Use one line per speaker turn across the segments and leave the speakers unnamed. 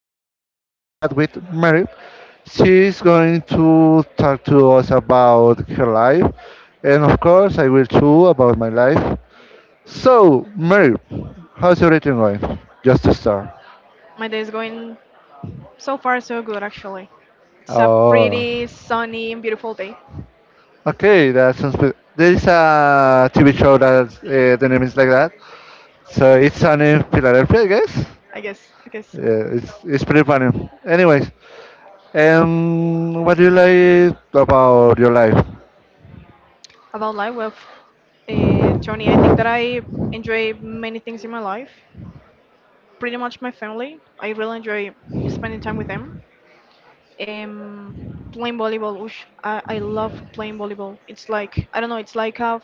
having a little chat with Mary. She's going to talk to us about her life, and of course, I will too about my life. So, Mary, how's everything going? Just to start.
My day is going so far so good actually. It's a
Oh,
pretty sunny and beautiful day.
okay. That sounds. Good. There is a TV show that the name is like that. So
So
it's
good.
on in Philadelphia, I guess.
I guess, I guess so.
Yeah, it's pretty funny. Anyways, and what do you like about your life?
About life, well, Tony, I think that I enjoy many things in my life. Pretty much my family. I really enjoy spending time with them. Um, playing volleyball, oosh, I love playing volleyball. It's like, I don't know, it's like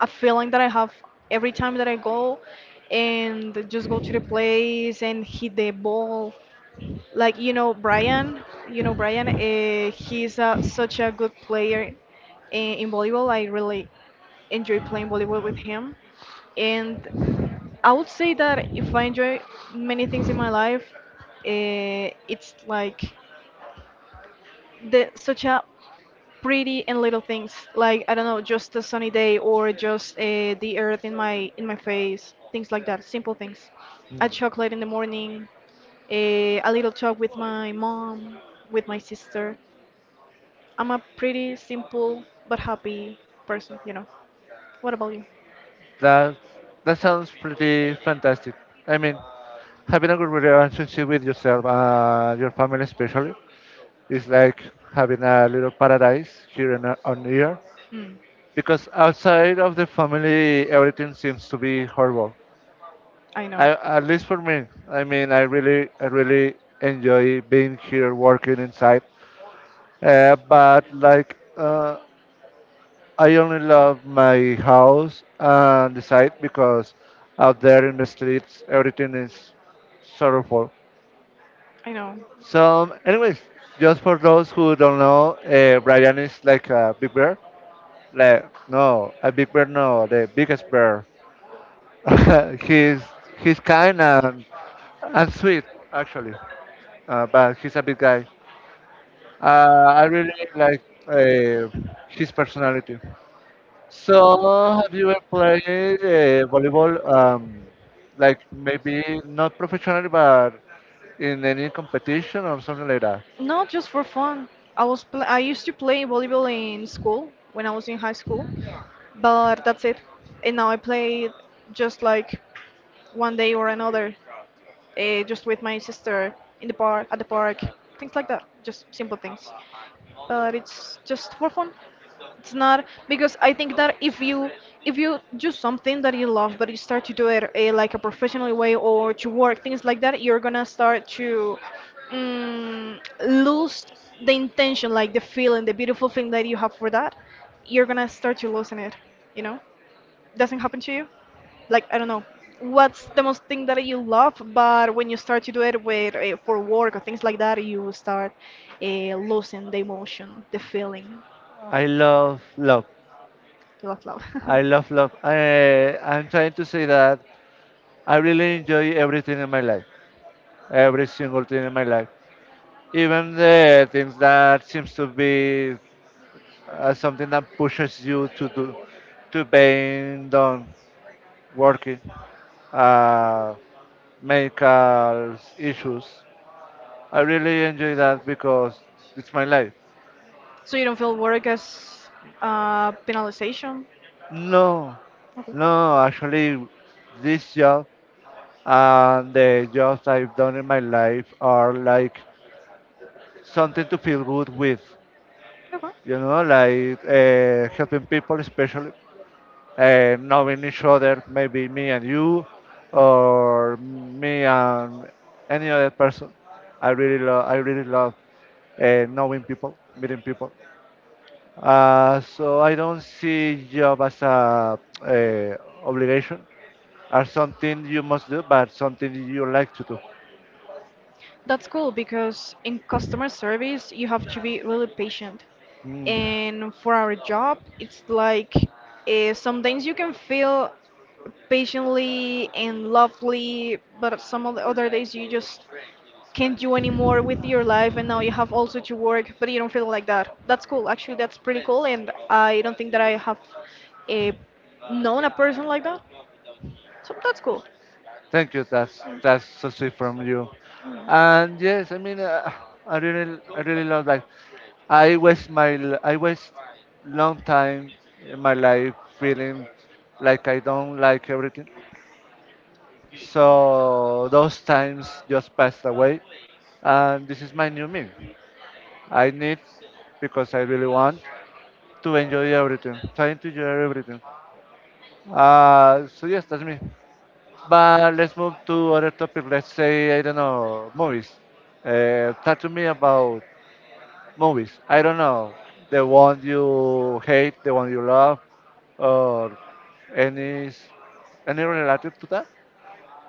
a feeling that I have every time that I go and just go to the place and hit the ball. Like you know Brian, he's such a good player in volleyball. I really enjoy playing volleyball with him. And I would say that if I enjoy many things in my life, it's like the such a pretty and little things. Like I don't know, just a sunny day or just the earth in my face, things like that. Simple things. A chocolate in the morning, a little talk with my mom, with my sister. I'm a pretty simple but happy person. What about you?
That that sounds pretty fantastic. I mean, having a good relationship with yourself and your family, especially, is like having a little paradise here in, on Earth.
Mm.
Because outside of the family, everything seems to be horrible.
I know.
I, at least for me. I mean, I really enjoy being here, working inside. But like, I only love my house and the site because out there in the streets everything is sorrowful.
I know.
So, anyways, just for those who don't know, Brian is like a big bear. Like no, a big bear, no, the biggest bear. He's kind and sweet actually, but he's a big guy. I really like his personality. So, have you ever played volleyball, like maybe not professionally, but in any competition or something like that?
Not just for fun. I used to play volleyball in school when I was in high school, but that's it. And now I play just like one day or another, just with my sister in the park, at the park, things like that. Just simple things. But it's just for fun. It's not because I think that if you do something that you love, but you start to do it like a professional way or to work things like that, you're gonna start to mm, lose the intention, like the feeling, the beautiful feeling that you have for that. You're gonna start to losing it. You know, doesn't happen to you like I don't know, what's the most thing that you love, but when you start to do it with for work or things like that, you start uh, losing the emotion, the feeling
I love love.
you love
I love love. I'm trying to say that I really enjoy everything in my life, every single thing in my life, even the things that seems to be something that pushes you to do, to being done, working, uh,
love.
medical issues. I really enjoy that because it's my life.
So you don't feel work as penalization?
No,
Okay.
no, actually, this job and the jobs I've done in my life are like something to feel good with,
Okay.
you know, like helping people, especially knowing each other, maybe me and you, or me and any other person. I really love knowing people, meeting people. So I don't see job as a obligation or something you must do, but something you like to do.
That's cool because in customer service you have to be really patient.
Mm,
And for our job, it's like sometimes you can feel patiently and lovely, but some of the other days you just can't do anymore with your life and now you have also to work, but you don't feel like that. That's cool. Actually, that's pretty cool and I don't think that I have uh known a person like that. So that's cool.
thank you. That's so sweet from you. And yes, I mean, I really love that. I waste long time in my life feeling like I don't like everything. So those times just passed away, and this is my new me. I need because I really want to enjoy everything, trying to enjoy everything. So yes, that's me. But let's move to other topic. Let's say I don't know movies. Talk to me about movies. I don't know the one you hate, the one you love, or any s- any relative to that.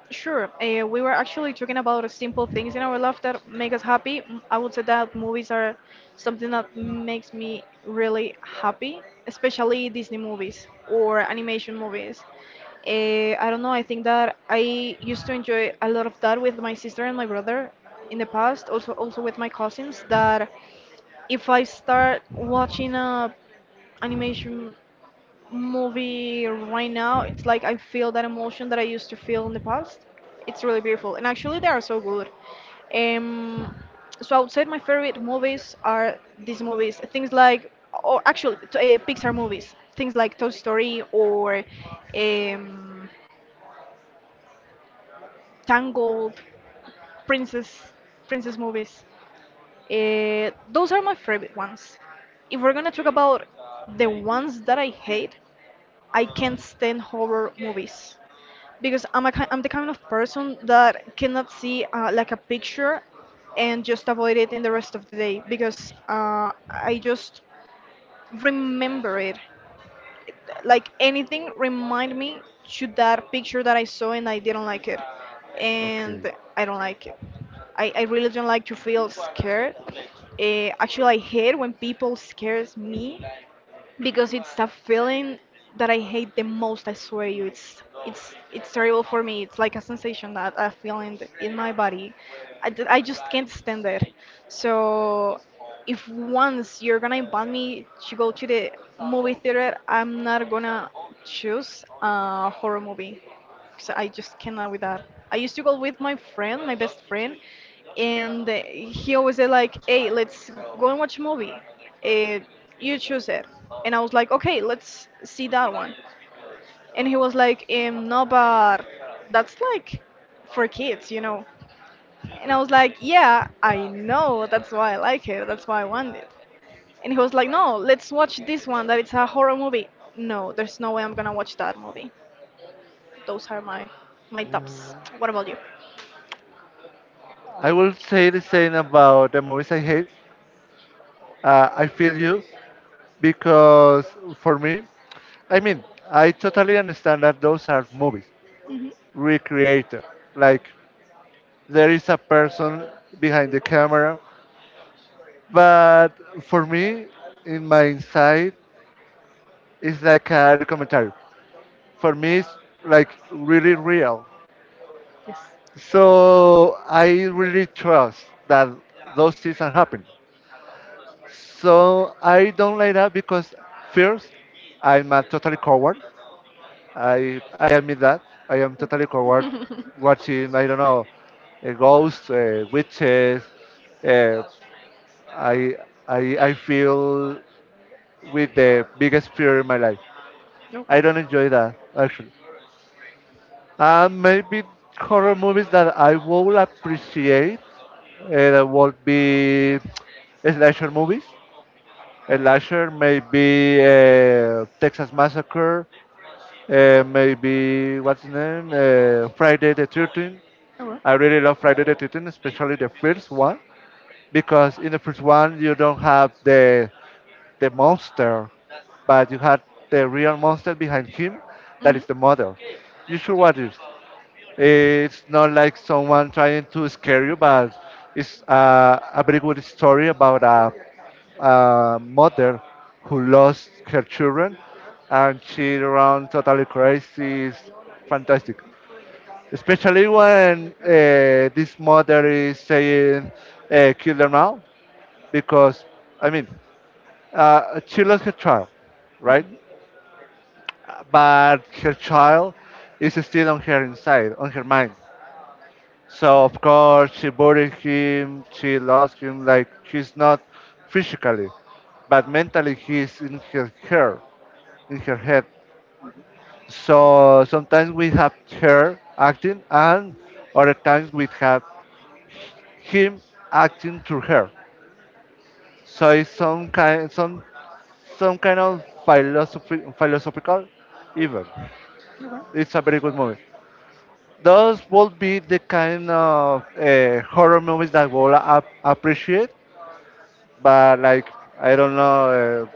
Sure. We were actually talking about simple things in our life that make us happy. I would say that movies are something that makes me really happy, especially Disney movies or animation movies. Uh, I don't know. I think that I used to enjoy a lot of that with my sister and my brother in the past. Also, with my cousins. That if I start watching a animation movie right now, it's like I feel that emotion that I used to feel in the past. It's really beautiful, and actually they are so good. Um, so I would say my favorite movies are these movies, things like, or actually Pixar movies, things like Toy Story or um, Tangled, Princess, Princess movies. Those are my favorite ones. If we're gonna talk about the ones that I hate, I can't stand horror movies. Because I'm the kind of person that cannot see like a picture and just avoid it in the rest of the day because I just remember it. Like anything remind me to that picture that I saw and I didn't like it, and
Okay.
I don't like it. I really don't like to feel scared. Actually, I hate when people scares me because it's a feeling that I hate the most. I swear you, it's terrible for me. It's like a sensation that I feeling in my body. I just can't stand it. So if once you're gonna invite me to go to the movie theater, I'm not gonna choose a horror movie. 'Cause I just cannot with that. I used to go with my friend, my best friend, and he always said like, "Hey, let's go and watch a movie. Uh, you choose it." And I was like, "Okay, let's see that one." And he was like, "No, but that's like for kids." And I was like, "Yeah, I know. That's why I like it. That's why I want it." And he was like, "No, let's watch this one. That it's a horror movie." No, there's no way I'm gonna watch that movie. Those are my tops. What about you?
I will say the same about the movies I hate. I feel you because for me I mean, I totally understand that those are movies,
Hmm.
recreated. Like there is a person behind the camera, but for me, in my inside, it's like a documentary. For me, it's like really real.
Yes.
So I really trust that those things are happening. So I don't like that because first, I'm a totally coward. I admit that I am totally coward watching I don't know ghosts, witches. Uh, I I I feel with the biggest fear in my life.
No.
I don't enjoy that actually. And maybe horror movies that I will appreciate that would be slasher movies. Slasher maybe Texas Massacre. Maybe what's his name? Friday the 13th.
Oh well.
I really love Friday the 13th, especially the first one, because in the first one you don't have the monster, but you had the real monster behind him, that
Hmm.
is the mother. You should watch it. It's not like someone trying to scare you, but it's a very good story about a mother who lost her children, and she ran totally crazy. It's fantastic especially when this mother is saying kill them now because I mean she lost her child right but her child is still on her inside on her mind so of course she buried him she lost him like he's not physically but mentally he's in her hair in her head so sometimes we have her acting and other times we have him acting through her. So it's some kind of philosophy, philosophical even. It's a very good movie. Those would be the kind of horror movies that will appreciate, but like I don't know,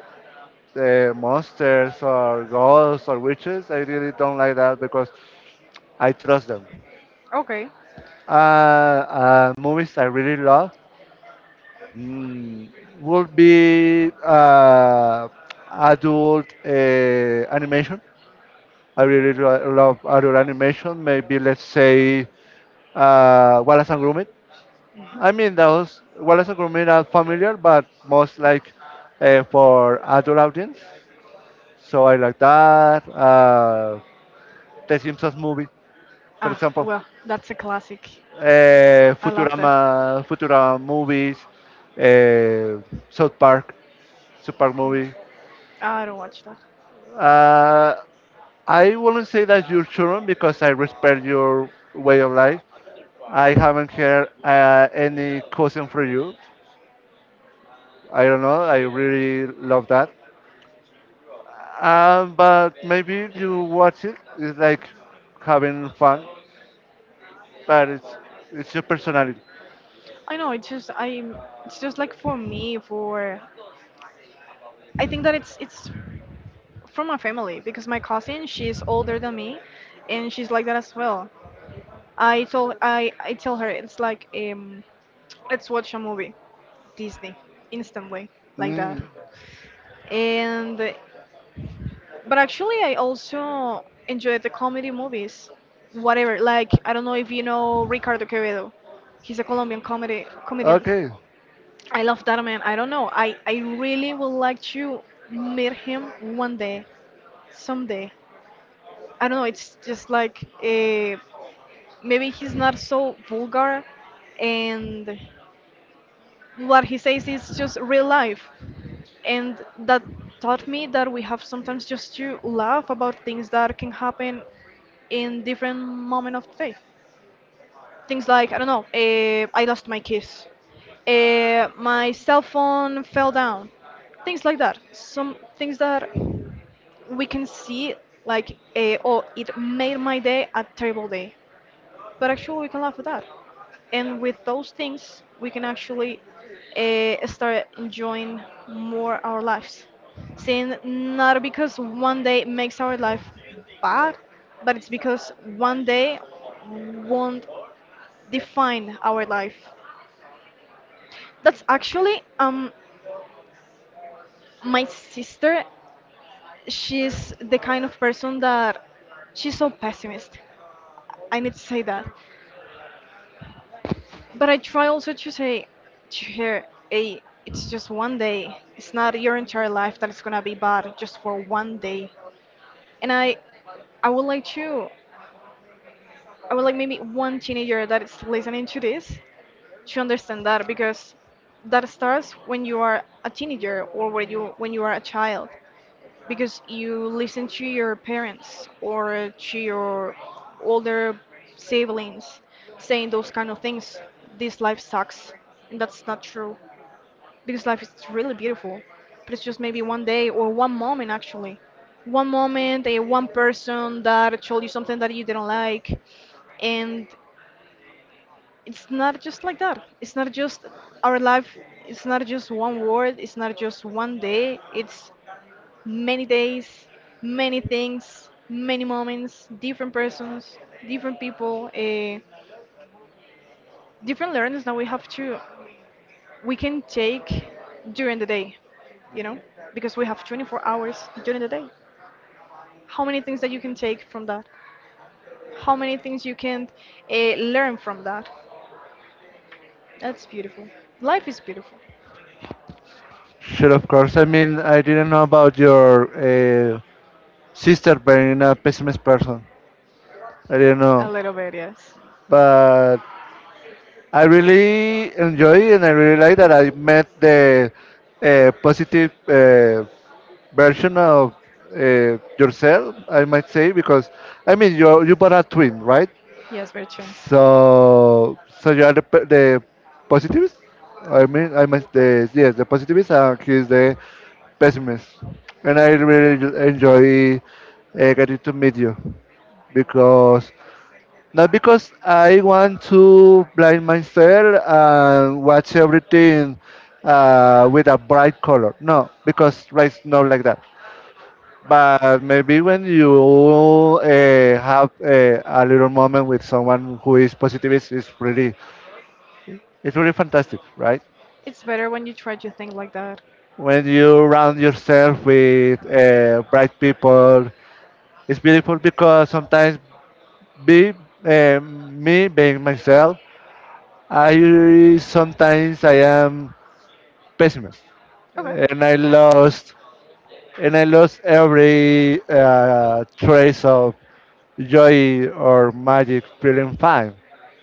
monsters or ghosts or witches. I really don't like that because I trust them.
Okay.
Uh, Movies I really love mm, would be adult animation. I really love other animation. Maybe let's say Wallace and Gromit.
Mhm.
I mean, those Wallace and Gromit are familiar, but most like for adult audience. So I like that. The Simpsons movie, for
Ah,
example,
well, that's a classic. I love that.
Futurama, Futurama movies, uh, South Park, South Park movie.
I don't watch that.
Uh, I wouldn't say that you're children because I respect your way of life, I haven't heard any question for you. I don't know. I really love that. But maybe you watch it. It's like having fun, but it's your personality.
I know it's just I'm. It's just like for me, for I think that it's from my family because my cousin she's older than me, and she's like that as well. I told I tell her it's like let's watch a movie, Disney, instantly like that,
Mm.
and but actually, I also enjoy the comedy movies. Whatever, like I don't know if you know Ricardo Quevedo. He's a Colombian comedy comedian.
Okay.
I love that man. I don't know. I really would like to meet him one day, someday. I don't know. It's just like maybe he's not so vulgar, and what he says is just real life, and that taught me that we have sometimes just to laugh about things that can happen in different moment of the day. Things like I don't know, I lost my keys, my cell phone fell down, things like that. Some things that we can see like oh it made my day a terrible day, but actually we can laugh at that, and with those things we can actually start enjoying more our lives. Saying not because one day makes our life bad, but it's because one day won't define our life. That's actually my sister. She's the kind of person that she's so pessimist. I need to say that. But I try also to say to her, hey, it's just one day. It's not your entire life that it's gonna be bad just for one day. And I would like to I would like maybe one teenager that is listening to this to understand that because that starts when you are a teenager or when you are a child because you listen to your parents or to your older siblings saying those kind of things. This life sucks, and that's not true because life is really beautiful, but it's just maybe one day or one moment actually. One moment, a one person that told you something that you didn't like, and it's not just like that. It's not just our life. It's not just one word. It's not just one day. It's many days, many things, many moments, different persons, different people, different learnings that we have to we can take during the day, you know, because we have 24 hours during the day. How many things that you can take from that? How many things you can learn from that? That's beautiful. Life is beautiful.
Sure, of course. I mean, I didn't know about your sister being a pessimist person. I didn't
A
know,
little bit, yes.
but I really enjoy and I really like that I met the positive version of yourself, I might say, because I mean you bought a twin, right?
Yes, by chance.
So so you are the positivist. I mean I must the yes the positivist and he's the pessimist, and I really enjoy getting to meet you because not because I want to blind myself and watch everything with a bright color. No, because life's not like that. But maybe when you have a little moment with someone who is positivist, it's really fantastic, right?
It's better when you try to think like that.
When you surround yourself with bright people, it's beautiful because sometimes be me being myself, I am pessimist,
Okay.
and I lost and I lost every trace of joy or magic feeling fine.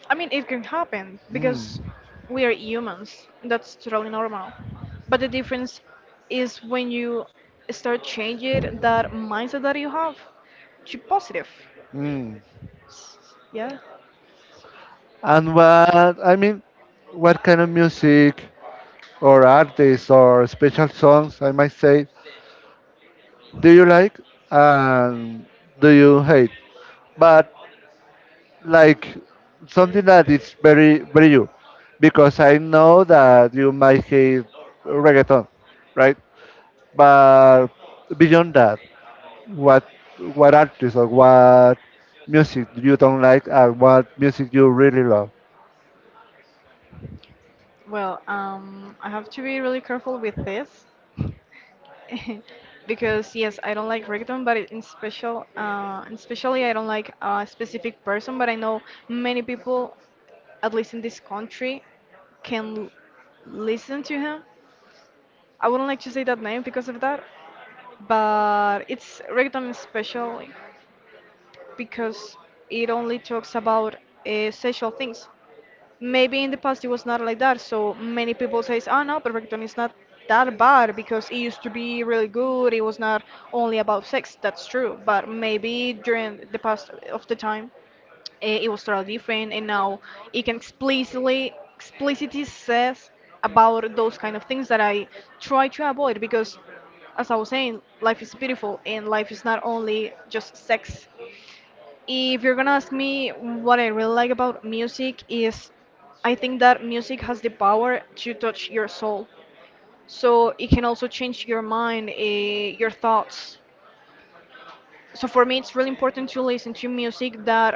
I mean, it can happen because
Mm,
we are humans. That's totally normal. But the difference is when you start changing that mindset that you have to positive.
mm.
Yeah.
And what I mean, what kind of music or artists or special songs I might say do you like and do you hate? But like something that is very very you, because I know that you might hate reggaeton, right? But beyond that, what what artists or what music you don't like and what music you really love?
Well, I have to be really careful with this because yes, I don't like reggaeton, but in special, and especially I don't like a specific person, but I know many people, at least in this country, can listen to him. I wouldn't like to say that name because of that, but it's reggaeton especially because it only talks about sexual things. Maybe in the past it was not like that. So many people says, "Oh no, Perfecton is not that bad because it used to be really good. It was not only about sex." That's true, but maybe during the past of the time, it was totally different, and now it can explicitly says about those kind of things that I try to avoid because as I was saying, life is beautiful and life is not only just sex. If you're gonna ask me what I really like about music is I think that music has the power to touch your soul. So it can also change your mind, your thoughts. So for me, it's really important to listen to music that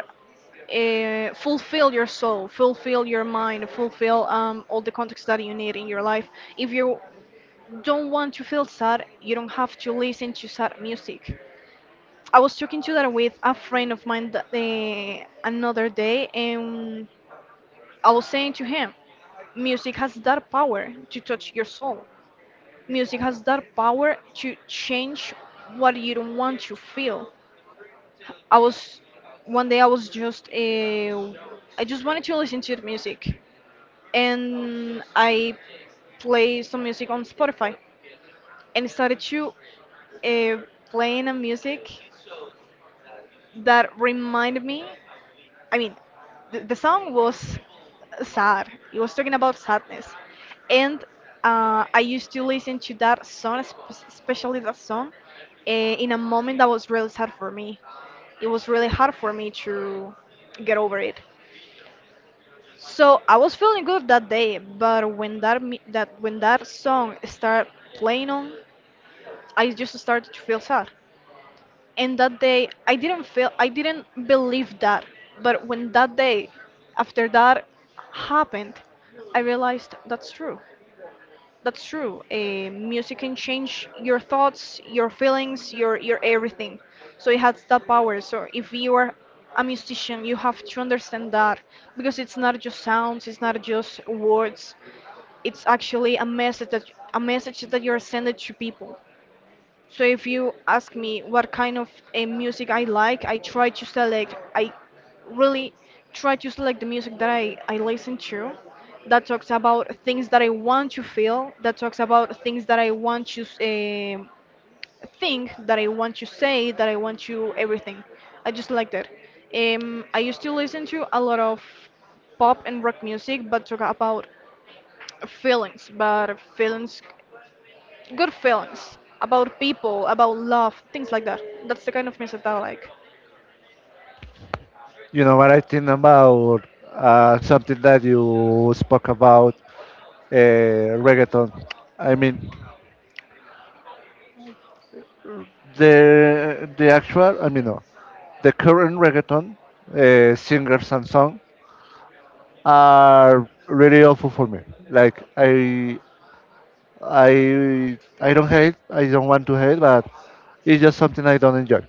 fulfill your soul, fulfill your mind, fulfill all the context that you need in your life. If you don't want to feel sad, you don't have to listen to sad music. I was talking to that with a friend of mine that, another day, and I was saying to him, music has that power to touch your soul. Music has that power to change what you don't want to feel. I was one day I was just I just wanted to listen to the music, and I played some music on Spotify, and started to uh, playing a music that reminded me I mean, the song was sad. It was talking about sadness, and I used to listen to that song, especially that song, in a moment that was really sad for me. It was really hard for me to get over it. So I was feeling good that day, but when that when that song started playing on, I just started to feel sad. And that day I didn't believe that. But when that day, after that, happened, I realized that's true. Music can change your thoughts, your feelings, your everything. So it has that power. So if you are a musician you have to understand that, because it's not just sounds, it's not just words. It's actually a message that you're sending to people. So if you ask me what kind of a music I like, I really try to select the music that I listen to, that talks about things that I want to feel, that talks about things that I want to think, that I want to say, that I want to everything. I just like that. I used to listen to a lot of pop and rock music, but talk about feelings, but feelings, good feelings about people, about love, things like that. That's the kind of music that I like.
You know what I think about something that you spoke about uh, reggaeton. I mean, the actual I mean no, the current reggaeton singers and song are really awful for me. Like I don't hate. I don't want to hate, but it's just something I don't enjoy.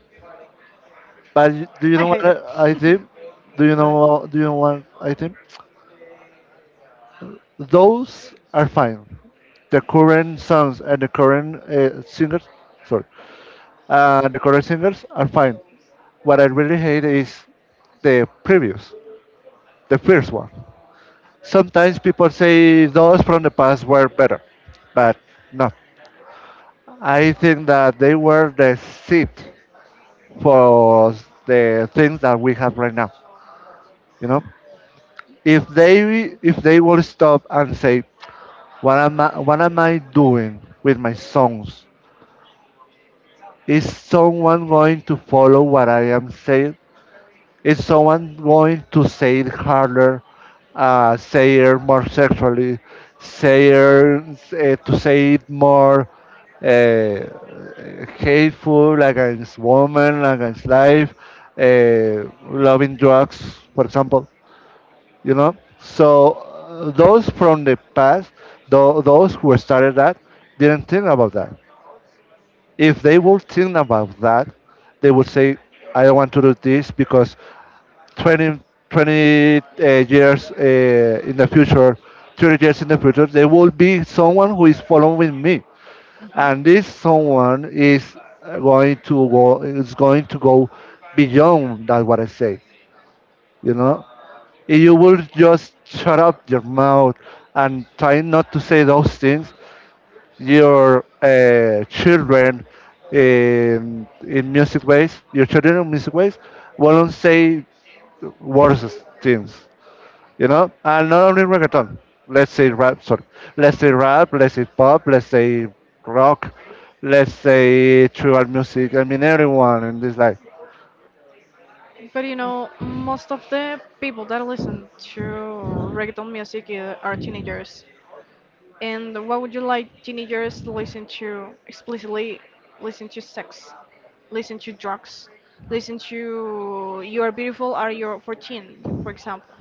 But do you
I
know what
hate it.
I think?
Right.
Do you know what I think? Those are fine. The current songs and the current singers, sorry, the current singers are fine. What I really hate is the previous, the first one. Sometimes people say those from the past were better, but no. I think that they were the seed for the things that we have right now. You know, if they will stop and say, what am I doing with my songs? Is someone going to follow what I am saying? Is someone going to say it harder, say it more sexually, say it more hateful against women, against life, loving drugs, for example? You know, so those from the past, those who started that, didn't think about that. If they would think about that, they would say, I don't want to do this because 20, 20 years in the future, 30 years in the future, there will be someone who is following me. And
Mhm.
this someone is is going to go beyond that what I say, you know? If you will just shut up your mouth and try not to say those things, your children in music ways, your children in music ways, won't say worse things, you know. And not only reggaeton. Let's say rap. Sorry. Let's say rap. Let's say pop. Let's say rock. Let's say tribal music. I mean, everyone in this life.
But you know, most of the people that listen to reggaeton music are teenagers. And what would you like teenagers to listen to explicitly? Listen to sex, listen to drugs, listen to You Are Beautiful, Are You 14, for example.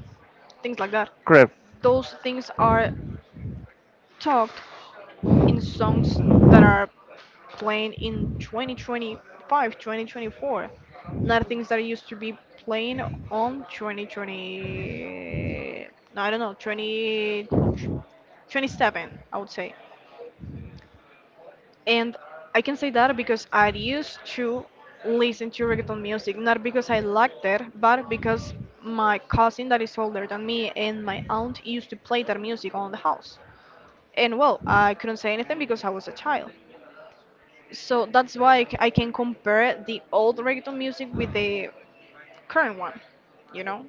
Things like that.
Correct.
Those things are talked in songs that are playing in 2025, 2024, not things that used to be playing on 2020. No, I don't know, 2027, I would say. And I can say that because I used to listen to reggaeton music, not because I liked it, but because my cousin that is older than me and my aunt used to play that music on the house. And well, I couldn't say anything because I was a child. So that's why I can compare the old reggaeton music with the current one, you know?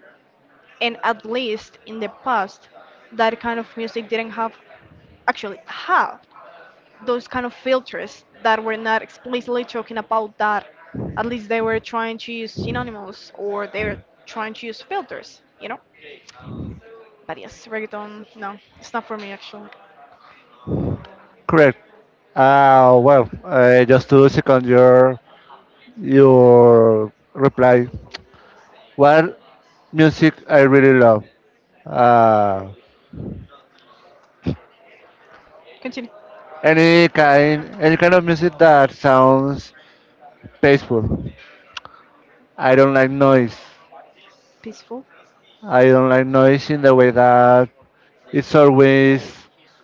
And at least in the past, that kind of music didn't have, actually, have those kind of filters, that were not explicitly talking about that. At least they were trying to use synonyms, or they're trying to use filters, you know? But yes, reggaeton, no, it's not for me actually.
Correct. Well, just to second your reply. What music I really love? Uh,
Continue.
any kind, any kind of music that sounds peaceful. I don't like noise.
Peaceful.
I don't like noise in the way that it's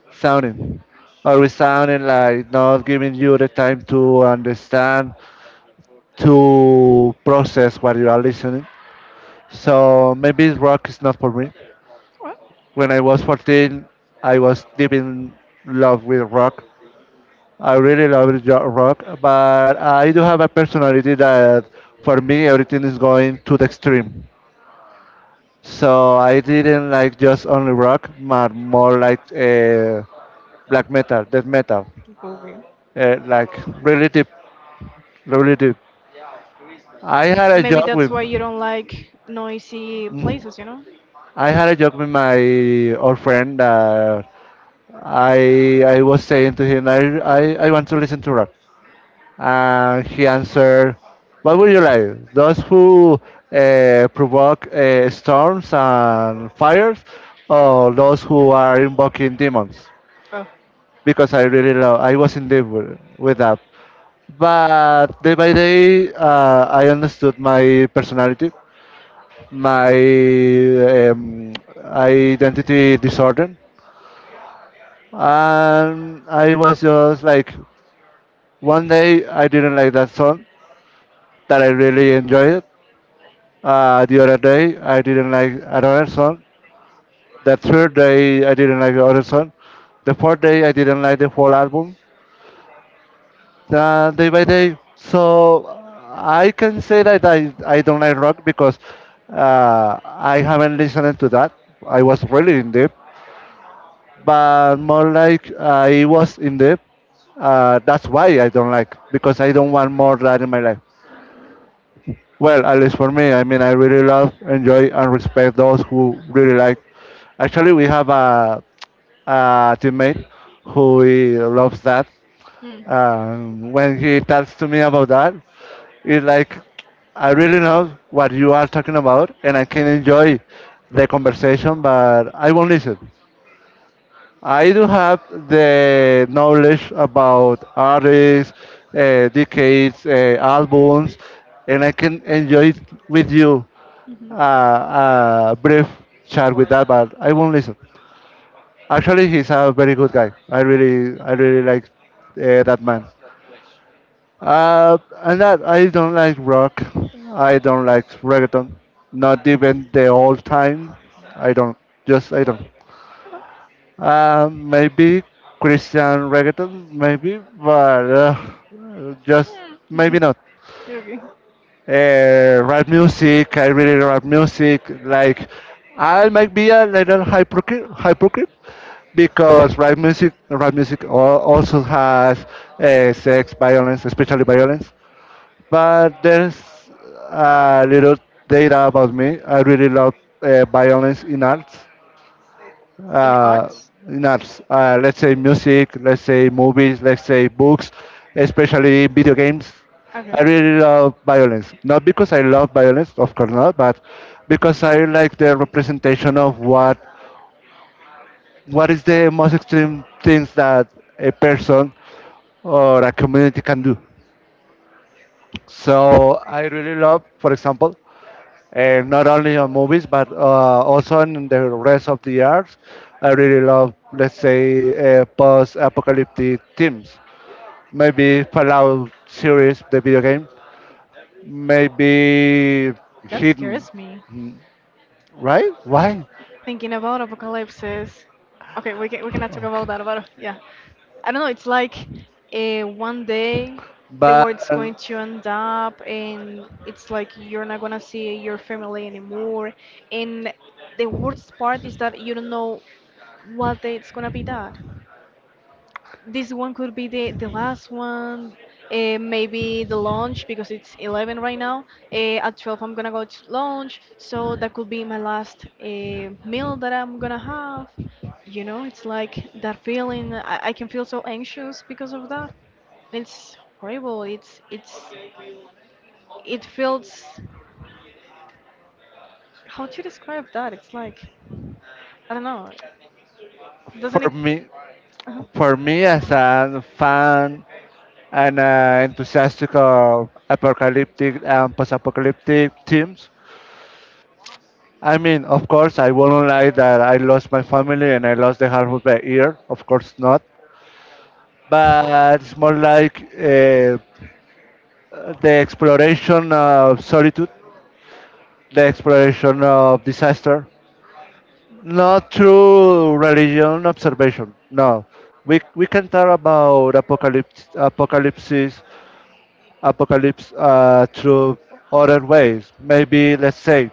sounding, always sounding like not giving you the time to understand, to process what you are listening. So maybe rock is not for me.
Well.
When I was 14, I was deep in love with rock. I really love rock, but I do have a personality that for me everything is going to the extreme. So I didn't like just only rock, but more like black metal, death metal,
Okay.
like really deep, really deep. I had a
Maybe
joke
that's
with,
why you don't like noisy
Mhm.
places, you know?
I had a joke with my old friend that I was saying to him I want to listen to rock. And he answered, what would you like? Those who provoke storms and fires, or those who are invoking demons?
Oh.
Because I really love, I was in deep with that. But day by day, I understood my personality, my um, identity disorder, and I was just like, one day I didn't like that song that I really enjoyed it. The other day, I didn't like another song. The third day, I didn't like another song. The fourth day, I didn't like the whole album. Day by day. So I can say that I don't like rock because I haven't listened to that. I was really in deep, but more like I was in deep. That's why I don't like because I don't want more that in my life. Well, at least for me, I mean, I really love, enjoy, and respect those who really like. Actually, we have a teammate who he loves that.
Hmm.
And when he talks to me about that, it's like, I really love what you are talking about, and I can enjoy the conversation, but I won't listen. I do have the knowledge about artists, decades, albums, and I can enjoy it with you,
Mhm.
a brief chat with that, but I won't listen. Actually, he's a very good guy. I really like that man. Uh, and that I don't like rock. I don't like reggaeton. Not even the old time. I don't. Just I don't. Maybe Christian reggaeton, maybe, but just
Okay.
maybe
Hmm.
not.
Okay.
Rap music, I really rap music. Like, I might be a little hypocrite, hypocrite because rap music also has sex, violence, especially violence. But there's a little data about me. I really love violence in arts,
In
uh,
arts?
not let's say music, let's say movies, let's say books, especially video games.
Okay.
I really love violence. Not because I love violence, of course not, but because I like the representation of what is the most extreme things that a person or a community can do. So I really love, for example, and not only on movies but also in the rest of the arts. I really love, let's say, post-apocalyptic themes. Maybe Fallout series, the video game. Maybe
That
Hidden.
scares me.
Mm, right? Why?
Thinking about apocalypses. Okay, we can we cannot talk about
Okay.
that. About yeah, I don't know. It's like one day the
But
world's going
um,
to end up, and it's like you're not gonna see your family anymore. And the worst part is that you don't know what day it's gonna be that. This one could be the last one, maybe the lunch because it's 11 right now. At 12, I'm gonna go to lunch, so that could be my last meal that I'm gonna have. You know, it's like that feeling. I can feel so anxious because of that. It's horrible. It's it feels. How to describe that? It's like I don't know. Doesn't
for
it?
me, for me as a
uh
fan and, enthusiastic of apocalyptic and post-apocalyptic themes, I mean, of course, I won't lie that I lost my family and I lost the half of my ear. Of course not. But it's more like the exploration of solitude, the exploration of disaster. Not through religion observation. No, we can talk about apocalypse, apocalypses, apocalypse through other ways. Maybe let's say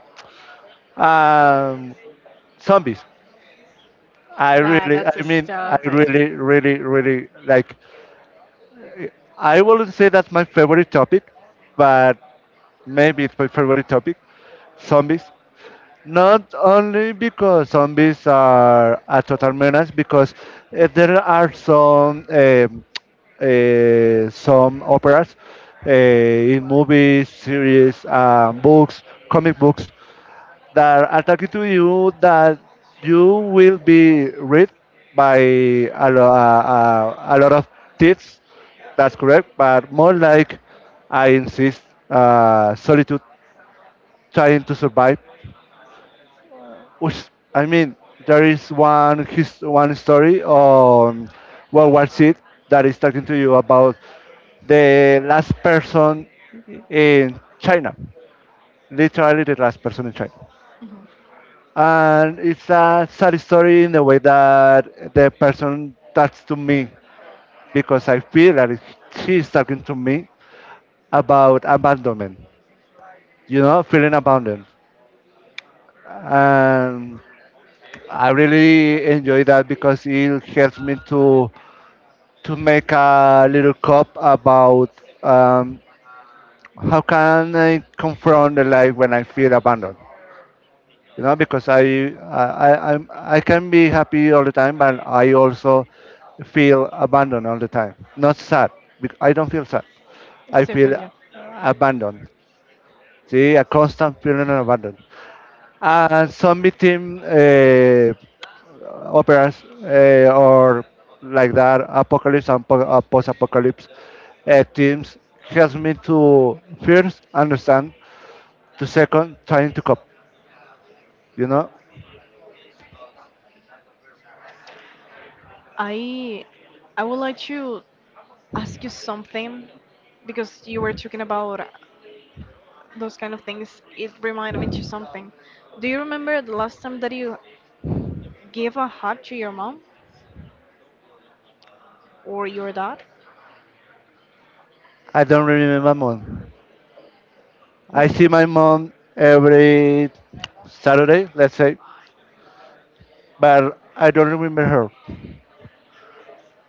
um, zombies. I
Nah,
really,
that's
I
a
mean, I
stop.
really, really, really like. I wouldn't say that's my favorite topic, but maybe it's my favorite topic. Zombies. Not only because zombies are a total menace, because there are some operas in movies, series, books, comic books that are talking to you that you will be read by a lot of tips. That's correct, but more like I insist, solitude, trying to survive. Which, I mean, there is one story on World War Z that is talking to you about the last person in China, literally the last person in China.
Mhm.
And it's a sad story in the way that the person talks to me because I feel that she's talking to me about abandonment, you know, feeling abandoned. And I really enjoy that because it helps me to make a little cup about how can I confront the life when I feel abandoned.
you
You know, because I can be happy all the time but I also feel abandoned all the time, not sad, I don't feel sad, I
It's
feel
Stefan, yeah.
abandoned. See a constant feeling of abandoned. And some victim operas, or like that apocalypse and post-apocalypse teams helps me to first understand, to second trying to cope, you know.
I I would like to ask you something because you were talking about those kind of things. It reminded me to something. Do you remember the last time that you gave a hug to your mom or your dad?
I don't remember more.
You
I
don't?
see my mom every Saturday, let's say, but I don't remember her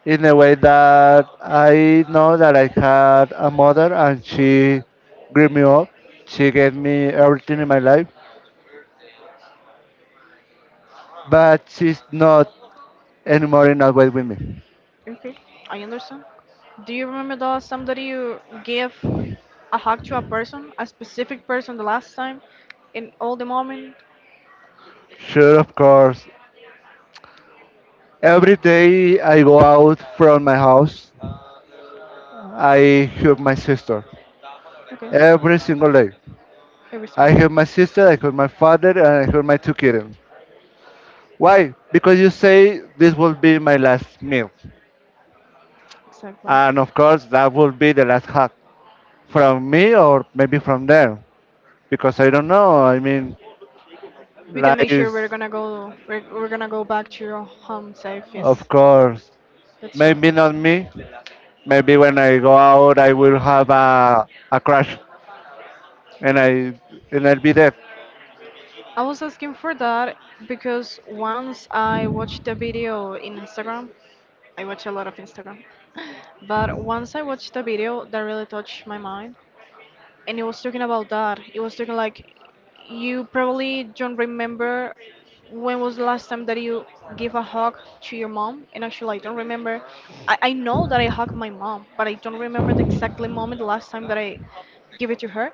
in a way that I know that I had a mother and she grew me up. She gave me everything in my life, but she's not anymore in a way with me.
Okay, I understand. Do you remember that somebody you gave a hug to a person, a specific person, the last time, in all the moment?
Sure, of course. Every day I go out from my house, I hug my sister.
Okay,
Every single day.
every
I
single time.
hug my sister, I hug my father, and I hug my two kittens. Why? Because you say this will be my last meal.
Exactly.
And of course, that will be the last hug from me or maybe from them. Because I don't know. I mean,
We can make sure we're
lives,
gonna go. We're gonna go back to your home safe.
of
Yes,
course.
that's true.
Maybe not me. Maybe when I go out, I will have a crash and, I, and I'll be dead.
I was asking for that because once I watched a video in Instagram, I watch a lot of Instagram, but once I watched a video that really touched my mind, and it was talking about that. It was talking like, you probably don't remember when was the last time that you give a hug to your mom, and actually I don't remember. I know that I hugged my mom, but I don't remember the exactly moment the last time that I gave it to her.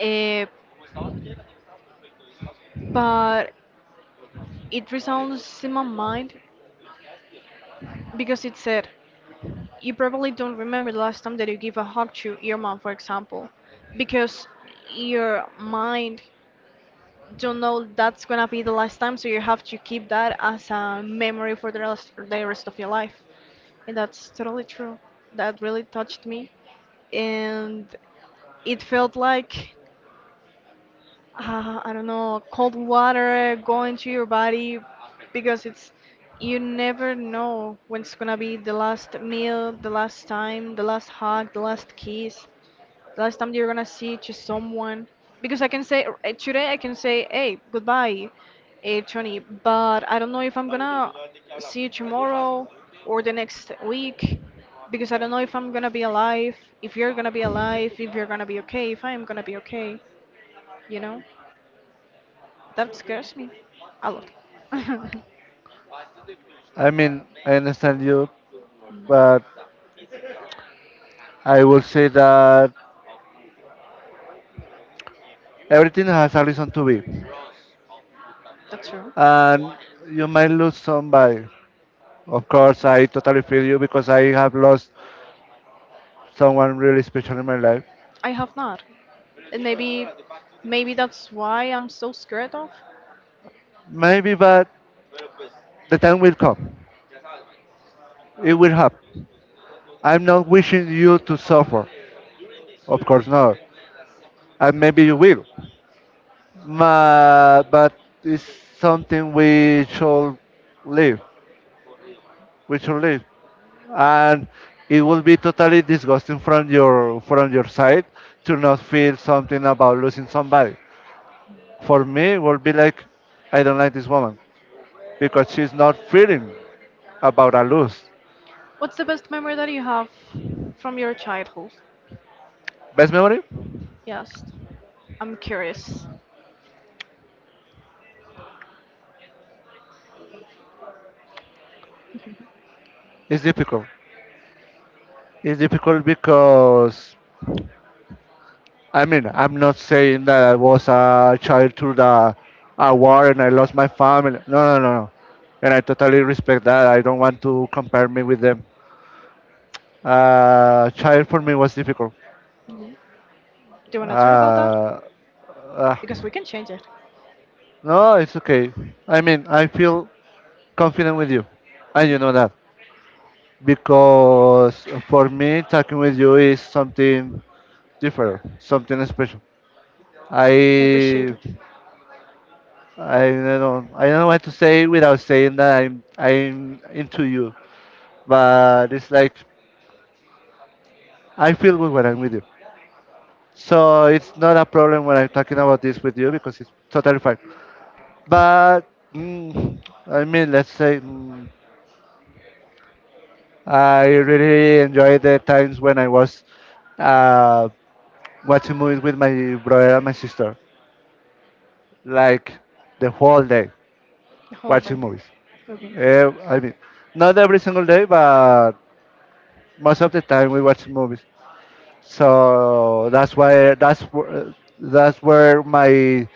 Uh, but It resounds in my mind because it said, you probably don't remember the last time that you gave a hug to your mom, for example, because your mind don't know that's gonna be the last time, so you have to keep that as a memory for the rest of your life. And that's totally true. That really touched me. And it felt like I don't know, cold water going to your body, because it's you never know when it's gonna be the last meal, the last time, the last hug, the last kiss, the last time you're gonna see to someone. Because I can say today I can say, hey, goodbye, Tony, but I don't know if I'm gonna see you tomorrow or the next week, because I don't know if I'm gonna be alive, if you're gonna be alive, if you're gonna be okay, if I'm gonna be okay, you know? That scares me a lot.
I mean, I understand you,
Mm,
but I will say that everything has a reason to be.
that's true.
And you might lose somebody. Of course, I totally feel you because I have lost someone really special in my life.
I have not. And maybe maybe that's why I'm so scared of.
Maybe, but the time will come. It will happen. I'm not wishing you to suffer. Of course not. And maybe you will. Ma, but it's something we should live. We should live. And it will be totally disgusting from your side to not feel something about losing somebody. For me, it will be like, I don't like this woman because she's not feeling about a lose.
What's the best memory that you have from your childhood?
Best memory
Yes. I'm curious.
is difficult. It's difficult because I mean I'm not saying that I was a child through the a war and I lost my family. No, no, no, no. And I totally respect that. I don't want to compare me with them. Child for me was difficult.
Mhm. Do you want to talk about that?
Uh, uh,
Because we can change it.
no, it's okay. I mean I feel confident with you, and you know that because for me talking with you is something different, something special.
I appreciate
I
it.
I don't know I don't know what to say without saying that I'm into you, but it's like I feel good when I'm with you. So it's not a problem when I'm talking about this with you because it's totally fine. But mm, I mean, let's say mm, I really enjoy the times when I was uh, watching movies with my brother and my sister, like the whole day
The whole
watching
thing.
movies.
Okay.
Eh, I mean, not every single day, but most of the time we watch movies. So that's why that's where my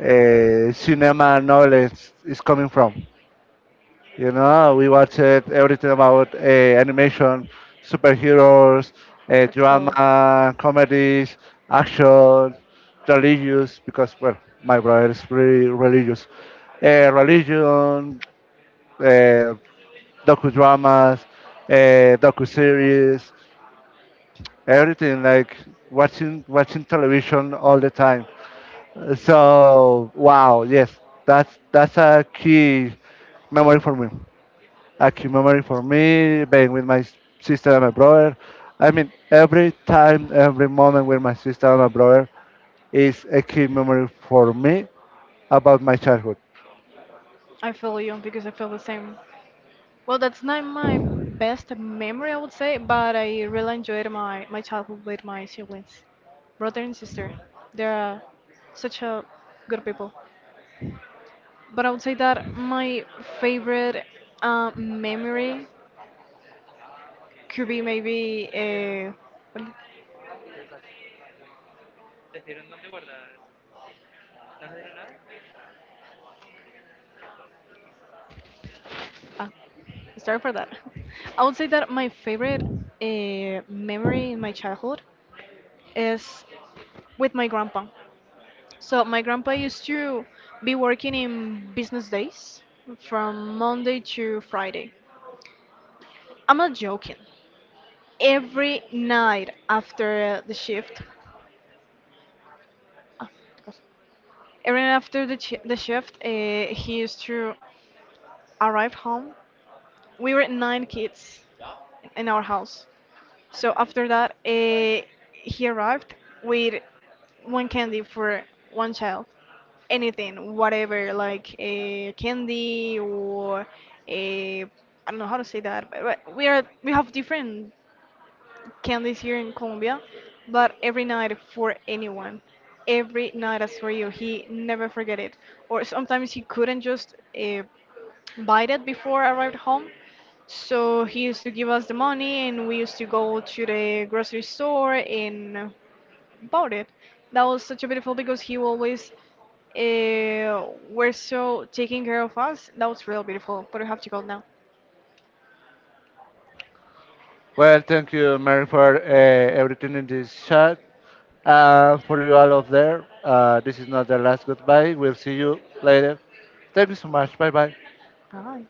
cinema knowledge is coming from. You know, we watch it, everything about animation, superheroes,
That's cool.
drama, comedies, action, religious. Because well, my brother is really religious. Religion, uh, docudramas, docu everything like watching television all the time. So wow, yes, that's a key memory for me. A key memory for me being with my sister and my brother. I mean, every time, every moment with my sister and my brother is a key memory for me about my childhood.
I feel you because I feel the same. Well, that's not my best memory, I would say, but I really enjoyed my childhood with my siblings, brother and sister. They are such a good people. But I would say that my favorite memory could be maybe uh, Uh, sorry for that. I would say that my favorite memory in my childhood is with my grandpa. So my grandpa used to be working in business days from Monday to Friday. I'm not joking. Every night after the shift, oh, God. Every night after the shift, he used to arrive home. We were nine kids in our house. So after that, he arrived with one candy for one child. Anything, whatever, like a candy or a I don't know how to say that, but we have different candies here in Colombia, but every night for anyone, every night as for you, he never forget it. Or sometimes he couldn't just uh, buy it before I arrived home. So he used to give us the money, and we used to go to the grocery store and bought it. That was such a beautiful because he always were so taking care of us. That was real beautiful. But I have to go now.
Well, thank you, Mary, for everything in this chat. For you all up there, this is not the last goodbye. We'll see you later. Thank you so much. Bye bye.
Bye.